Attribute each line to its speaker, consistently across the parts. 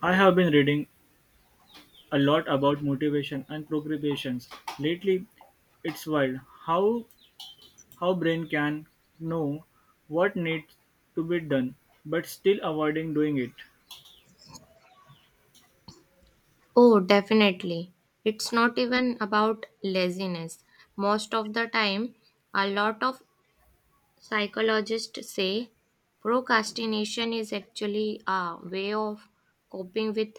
Speaker 1: I have been reading a lot about motivation and progressions lately. It's wild how how brain can know what needs to be done but still avoiding doing it.
Speaker 2: Oh, definitely. It's not even about laziness. Most of the time, a lot of psychologists say procrastination is actually a way of coping with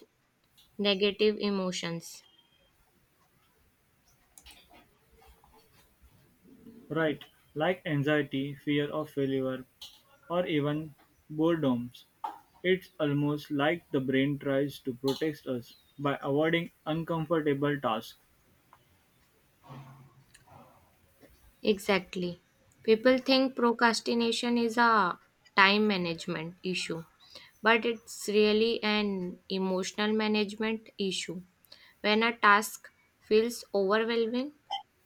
Speaker 2: negative emotions.
Speaker 1: Right, like anxiety, fear of failure, or even boredoms. It's almost like the brain tries to protect us by avoiding uncomfortable tasks.
Speaker 2: Exactly. People think procrastination is a time management issue, but it's really an emotional management issue. When a task feels overwhelming,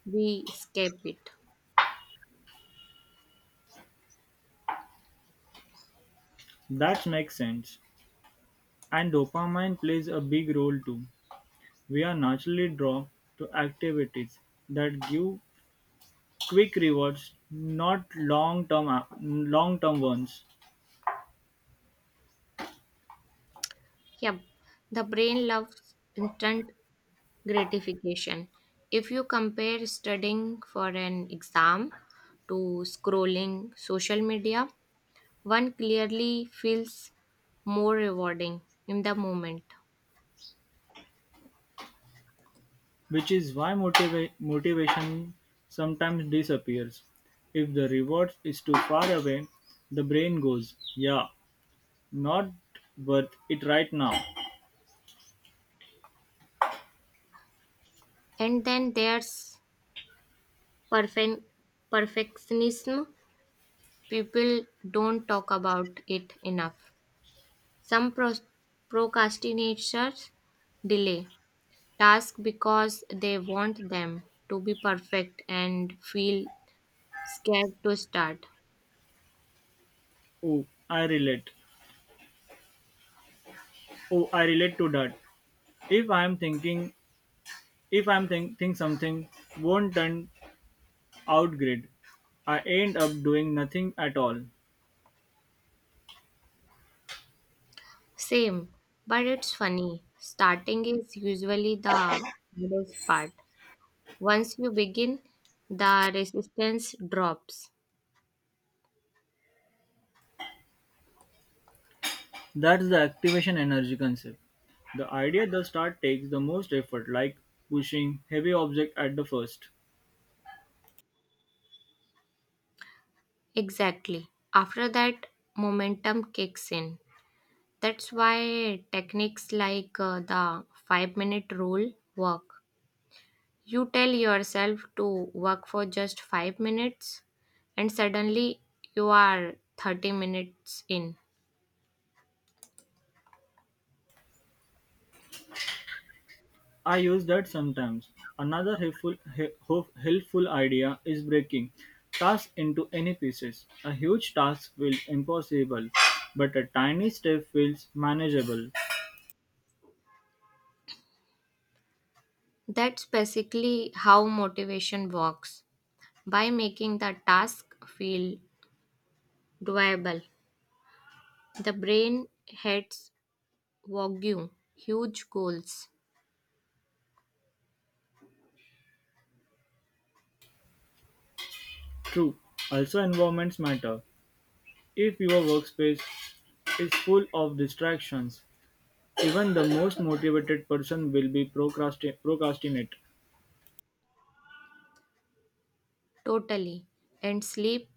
Speaker 2: we escape it.
Speaker 1: That makes sense. And dopamine plays a big role too. We are naturally drawn to activities that give quick rewards, not long-term ones,
Speaker 2: Yep, the brain loves instant gratification. If you compare studying for an exam to scrolling social media, one clearly feels more rewarding in the moment.
Speaker 1: which is why motivation sometimes disappears. If the reward is too far away, the brain goes, "Yeah, not worth it right now."
Speaker 2: And then there's perfect perfectionism. People don't talk about it enough. Some procrastinators delay tasks because they want them to be perfect and feel scared to start.
Speaker 1: Oh, I relate. Oh, I relate to that. If I am thinking, if I am think something won't turn out great, I end up doing nothing at all.
Speaker 2: Same, but it's funny. Starting is usually the hardest part. Once you begin, the resistance drops.
Speaker 1: That's the activation energy concept. The idea the start takes the most effort, like pushing heavy object at the first.
Speaker 2: Exactly. After that, momentum kicks in. That's why techniques like the 5-minute rule work. You tell yourself to work for just 5 minutes, and suddenly you are 30 minutes in.
Speaker 1: I use that sometimes. Another helpful idea is breaking tasks into any pieces. A huge task feels impossible, but a tiny step feels manageable.
Speaker 2: That's basically how motivation works by making the task feel doable. The brain hates Wagyu, huge goals,
Speaker 1: True, also environments matter. If your workspace is full of distractions, even the most motivated person will be procrastinate.
Speaker 2: totally. And sleep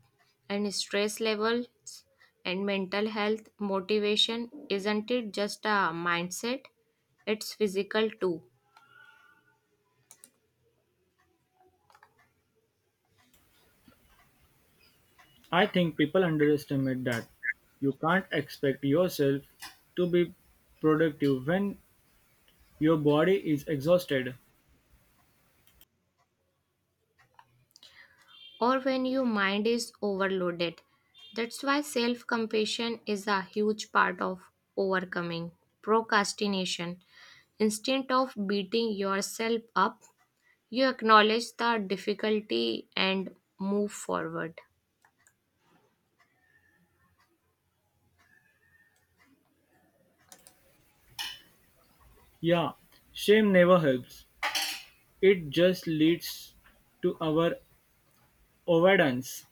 Speaker 2: and stress levels and mental health, motivation, isn't it just a mindset? It's physical too.
Speaker 1: I think people underestimate that. You can't expect yourself to be productive when your body is exhausted.
Speaker 2: Or when your mind is overloaded. That's why self compassion is a huge part of overcoming procrastination. Instead of beating yourself up, you acknowledge the difficulty and move forward.
Speaker 1: Yeah, shame never helps. It just leads to our avoidance.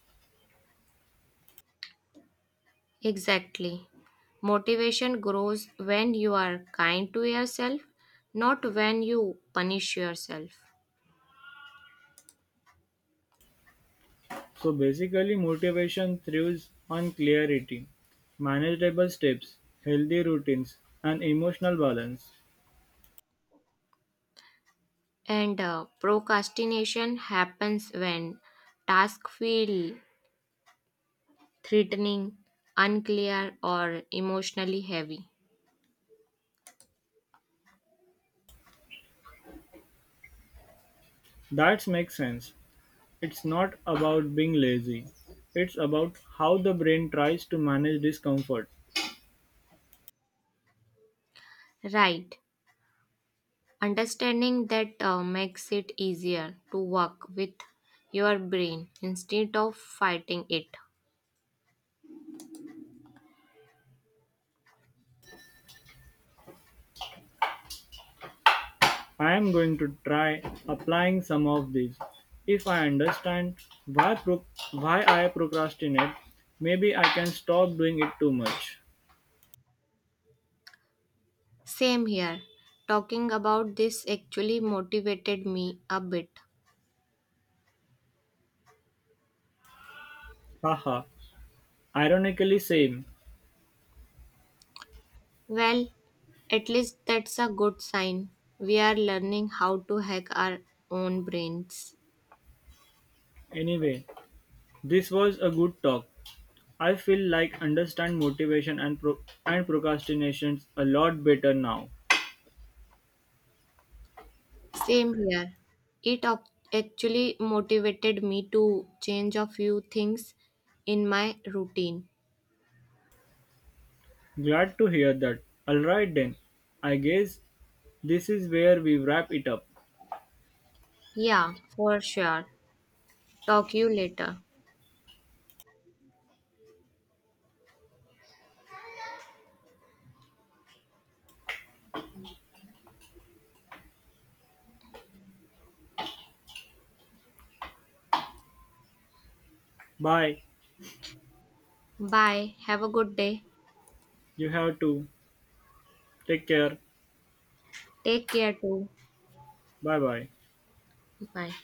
Speaker 2: Exactly. Motivation grows when you are kind to yourself, not when you punish yourself.
Speaker 1: So basically, motivation thrives on clarity, manageable steps, healthy routines, and emotional balance.
Speaker 2: And procrastination happens when tasks feel threatening, unclear, or emotionally heavy.
Speaker 1: That makes sense. It's not about being lazy. It's about how the brain tries to manage discomfort.
Speaker 2: Right. Understanding that makes it easier to work with your brain instead of fighting it.
Speaker 1: I am going to try applying some of these. If I understand why pro- why I procrastinate, maybe I can stop doing it too much.
Speaker 2: Same here. Talking about this actually motivated me a bit.
Speaker 1: Haha. Ironically same.
Speaker 2: Well, at least that's a good sign. We are learning how to hack our own brains.
Speaker 1: Anyway, this was a good talk. I feel like understand motivation and and procrastinations a lot better now.
Speaker 2: Same here. It ac- actually motivated me to change a few things in my routine.
Speaker 1: Glad to hear that. All right then. I guess this is where we wrap it up.
Speaker 2: Yeah, for sure. Talk you later.
Speaker 1: Bye.
Speaker 2: Bye. Have a good day.
Speaker 1: You have to take care.
Speaker 2: Take care too.
Speaker 1: Bye bye.
Speaker 2: Bye.